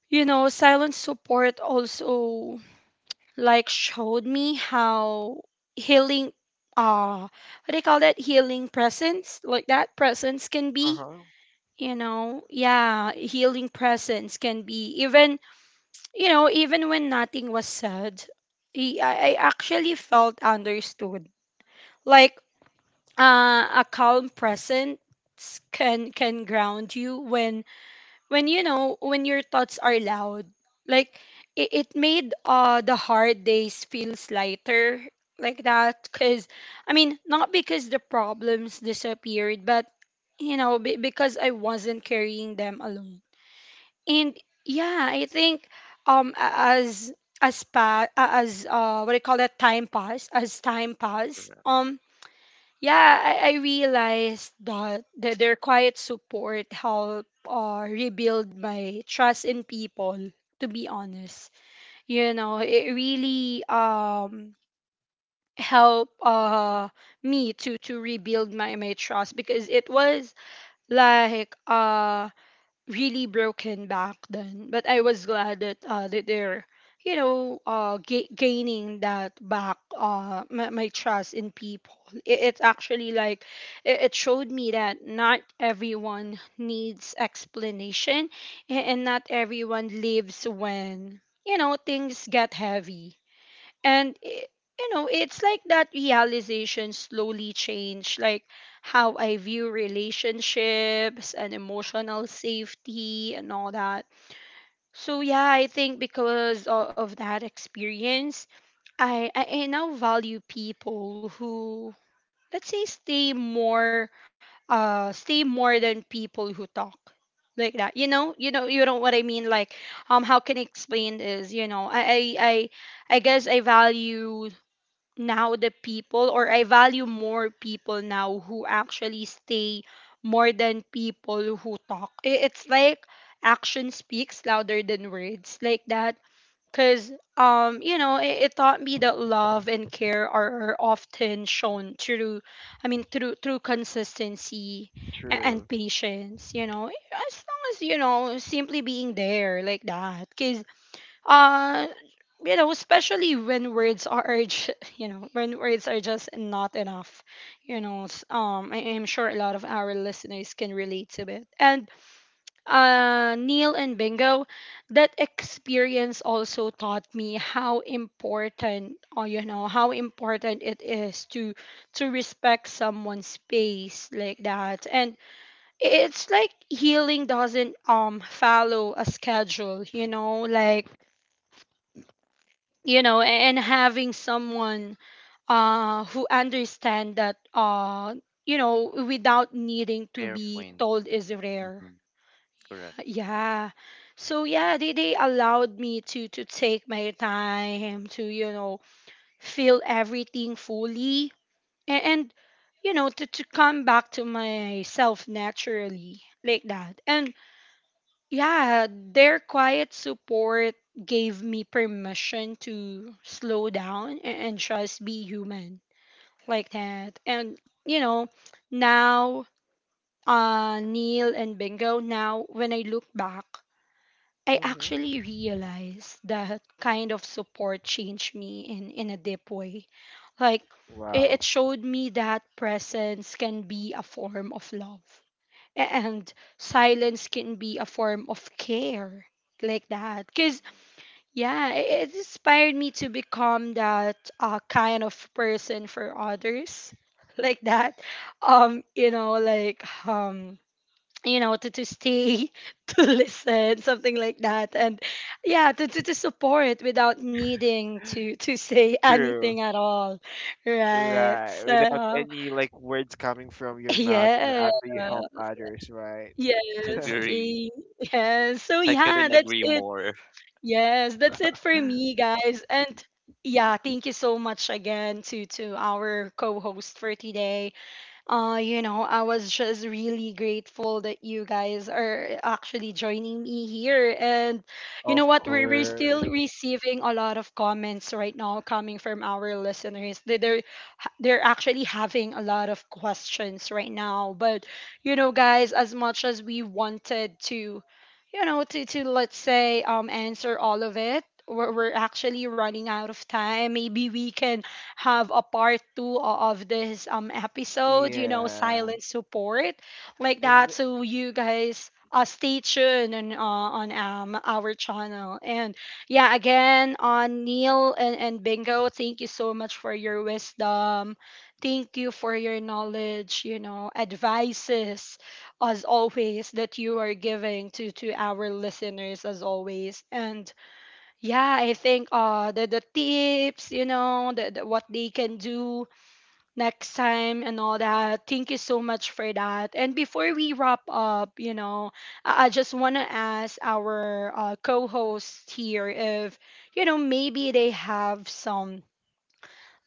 Speaker 1: you know, silent support also like showed me how healing what do you call that? Healing presence, like that, presence can be,
Speaker 2: Uh-huh.
Speaker 1: you know, yeah, healing presence can be even, even when nothing was said, I actually felt understood like a calm presence can ground you when when your thoughts are loud. Like, it made the hard days feels lighter like that, because I mean not because the problems disappeared but you know because I wasn't carrying them alone. And yeah, I think a- as pa- as what do you call that time pass as time pass,
Speaker 3: Correct.
Speaker 1: yeah, I realized that their quiet support helped rebuild my trust in people, to be honest. You know, it really helped me to rebuild my trust because it was like, really broken back then. But I was glad that that they're, you know, gaining that back, my trust in people. It's actually like, it showed me that not everyone needs explanation, and not everyone lives when, you know, things get heavy. and i- you know, it's like that realization slowly changed like how I view relationships and emotional safety and all that. So yeah, I think because of that experience, I now value people who, let's say, stay more, stay more than people who talk like that. You know, you know, you know what I mean. Like, how can I explain this you know I guess I value now the people, or I value more people now who actually stay more than people who talk. It's like action speaks louder than words like that. Cuz you know, it taught me that love and care are often shown through, through consistency
Speaker 2: True.
Speaker 1: and patience, you know. As long as, you know, simply being there like that, cuz uh you know, especially when words are *laughs* you know, when words are just not enough, you know, I am sure a lot of our listeners can relate to it. And Neil and Bingo, that experience also taught me how important, or you know, how important it is to respect someone's space like that. And it's like healing doesn't follow a schedule, you know, like, you know, and having someone who understand that, you know, without needing to
Speaker 3: Fair
Speaker 1: be
Speaker 3: point.
Speaker 1: told is rare.
Speaker 3: Hmm. Correct.
Speaker 1: Yeah, so yeah, they allowed me to take my time to, you know, feel everything fully. And you know, to come back to myself naturally like that. And yeah, their quiet support gave me permission to slow down and just be human like that. And, you know, now, Neil and Bingo, now when I look back, I
Speaker 2: Hmm.
Speaker 1: actually realize that kind of support changed me in a deep way. Like,
Speaker 2: Wow.
Speaker 1: it showed me that presence can be a form of love and silence can be a form of care like that. Because yeah, it inspired me to become that, kind of person for others *laughs* like that. um you know like um you know, to stay, *laughs* to listen, something like that. And yeah, to support without needing to *laughs* say
Speaker 2: True.
Speaker 1: anything at all, right?
Speaker 2: Right. Without
Speaker 1: So
Speaker 2: any like words coming from
Speaker 1: *laughs*
Speaker 2: your mouth, you know,
Speaker 1: yeah.
Speaker 2: after you help others, right? *laughs*
Speaker 1: Yes,
Speaker 3: Agree.
Speaker 1: tea. Yes. So
Speaker 3: I couldn't
Speaker 1: yeah, that's
Speaker 3: agree
Speaker 1: it.
Speaker 3: more.
Speaker 1: Yes, that's it for me, guys. And yeah, thank you so much again to our co-host for today. You know, I was just really grateful that you guys are actually joining me here. And you know
Speaker 2: Of
Speaker 1: what? We're
Speaker 2: course.
Speaker 1: still receiving a lot of comments right now coming from our listeners. They're actually having a lot of questions right now. But, you know, guys, as much as we wanted to, you know, to, let's say, answer all of it, we're actually running out of time. Maybe we can have a part two of this episode, you know,
Speaker 2: Yeah.
Speaker 1: silent support like
Speaker 2: And
Speaker 1: that.
Speaker 2: m-
Speaker 1: So you guys, stay tuned on, our channel. And yeah, again, on Neil and Bingo, thank you so much for your wisdom. Thank you for your knowledge, you know, advices as always that you are giving to our listeners as always. And yeah, I think the tips, you know, the what they can do next time and all that. Thank you so much for that. And before we wrap up, you know, I just want to ask our co-hosts here if, you know, maybe they have some,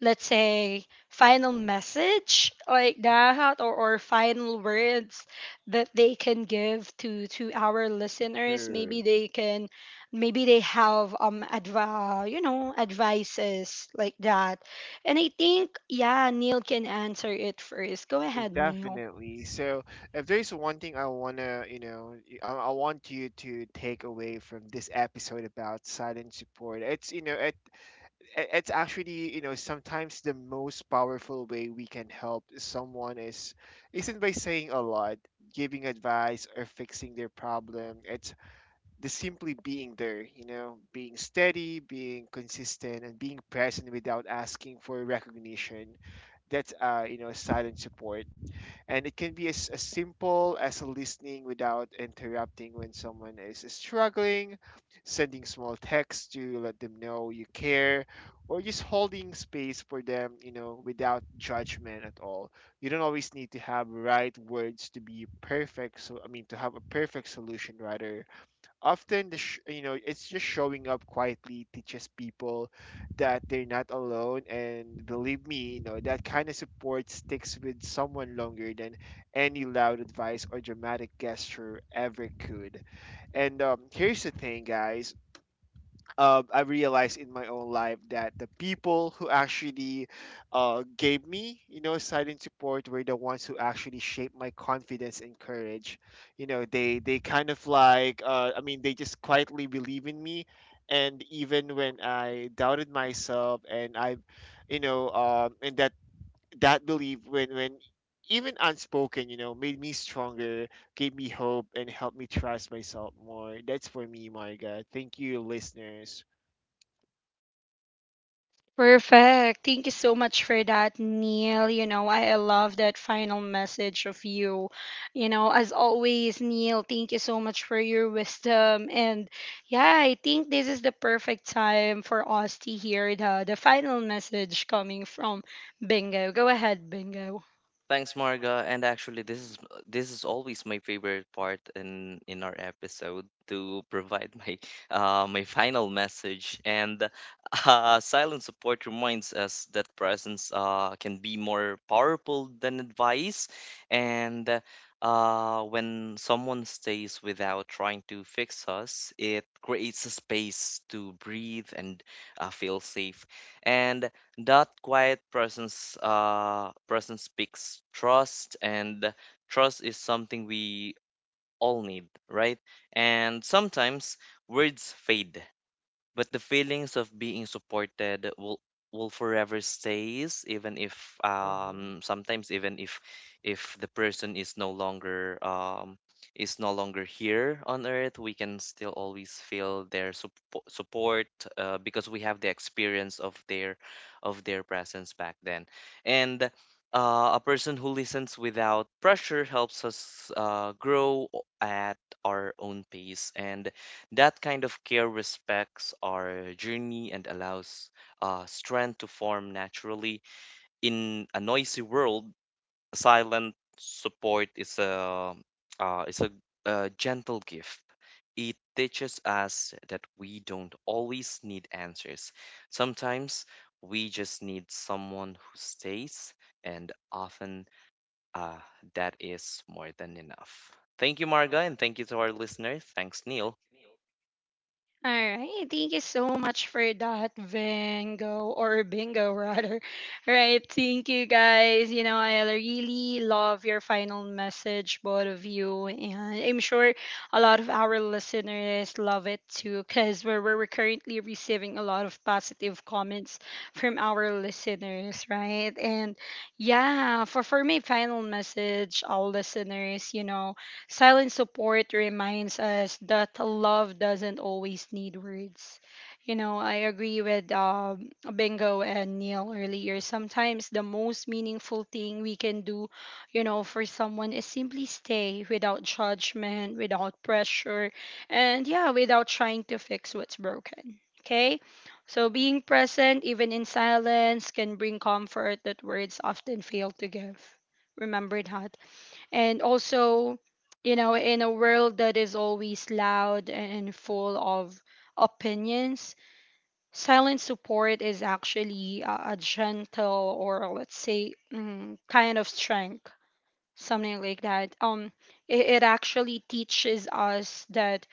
Speaker 1: let's say, final message like that, or final words that they can give to our listeners. Maybe
Speaker 2: True.
Speaker 1: they can, maybe they have you know, advices like that. And I think yeah, Neil can answer it first. Go ahead, Neil.
Speaker 2: Definitely. So, if there's one thing I wanna, you know, I want you to take away from this episode about silent support, it's you know, it's actually, you know, sometimes the most powerful way we can help someone is isn't by saying a lot, giving advice, or fixing their problem. It's the simply being there, you know, being steady, being consistent, and being present without asking for recognition. That's you know silent support. And it can be as simple as listening without interrupting when someone is struggling, sending small texts to let them know you care, or just holding space for them, you know, without judgment at all. You don't always need to have right words to be perfect. So I mean, to have a perfect solution rather, often you know it's just showing up quietly teaches people that they're not alone, and believe me, you know that kind of support sticks with someone longer than any loud advice or dramatic gesture ever could. And here's the thing guys, I realized in my own life that the people who actually gave me, you know, side and support were the ones who actually shaped my confidence and courage. You know, they kind of like, I mean, they just quietly believe in me, and even when I doubted myself, and I, you know, and that that belief, when even unspoken, you know, made me stronger, gave me hope, and helped me trust myself more. That's for me, Marga. Thank you, listeners.
Speaker 1: Perfect. Thank you so much for that, Neil. You know, I love that final message of you. You know, as always, Neil, thank you so much for your wisdom. And yeah, I think this is the perfect time for us to hear the final message coming from Bingo. Go ahead, Bingo.
Speaker 3: Thanks, Marga. And actually, this is always my favorite part in our episode to provide my *laughs* my final message. And *laughs* silent support reminds us that presence can be more powerful than advice. And when someone stays without trying to fix us, it creates a space to breathe and feel safe. And that quiet presence, presence speaks trust, and trust is something we all need, right? And sometimes words fade, but the feelings of being supported will forever stays, even if
Speaker 2: Mhm.
Speaker 3: sometimes, even if the person is no longer here on earth, we can still always feel their support, because we have the experience of their presence back then. And a person who listens without pressure helps us grow at our own pace, and that kind of care respects our journey and allows strength to form naturally. In a noisy world, silent support is uh, is a, a gentle gift. It teaches us that we don't always need answers. Sometimes we just need someone who stays, and often uh, that is more than enough. Thank you, Marga, and thank you to our listeners. Thanks, Neil.
Speaker 1: All right. Thank you so much for that, Bingo, or Bingo *laughs* rather. Right. Thank you guys. You know, I really love your final message, both of you. And I'm sure a lot of our listeners love it too, because we're currently receiving a lot of positive comments from our listeners, right? And yeah, for my final message, all listeners, you know, silent support reminds us that love doesn't always need words. You know, I agree with Bingo and Neil earlier. Sometimes the most meaningful thing we can do, you know, for someone is simply stay without judgment, without pressure, and yeah, without trying to fix what's broken. Okay? So being present, even in silence, can bring comfort that words often fail to give. Remember that. And also, you know, in a world that is always loud and full of opinions, silent support is actually a gentle, or let's say, mm, kind of strength, something like that. It it actually teaches us that,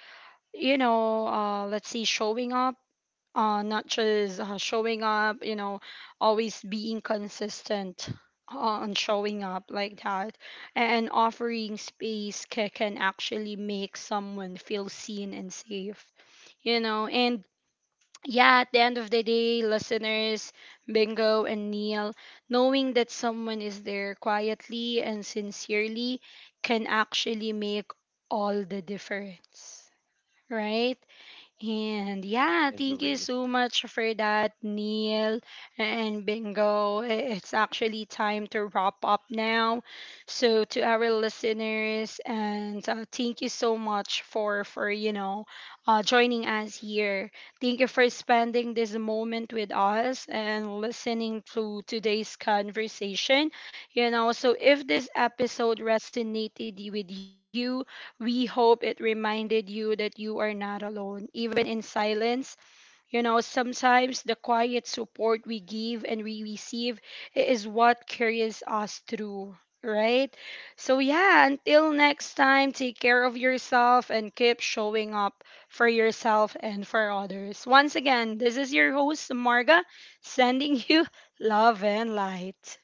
Speaker 1: you know, let's say, showing up, not just showing up, you know, always being consistent, uh, on showing up like that and offering space can actually make someone feel seen and safe, you know. And yeah, at the end of the day, listeners, Bingo and Neil, knowing that someone is there quietly and sincerely can actually make all the difference, right? And yeah, thank you
Speaker 3: Agree.
Speaker 1: so much for that, Neil and Bingo. It's actually time to wrap up now. So to our listeners, and thank you so much for you know, joining us here. Thank you for spending this moment with us and listening to today's conversation. You know, so if this episode resonated with you, we hope it reminded you that you are not alone, even in silence. You know, sometimes the quiet support we give and we receive is what carries us through, right? So, yeah, until next time, take care of yourself and keep showing up for yourself and for others. Once again, this is your host, Marga, sending you *laughs* love and light.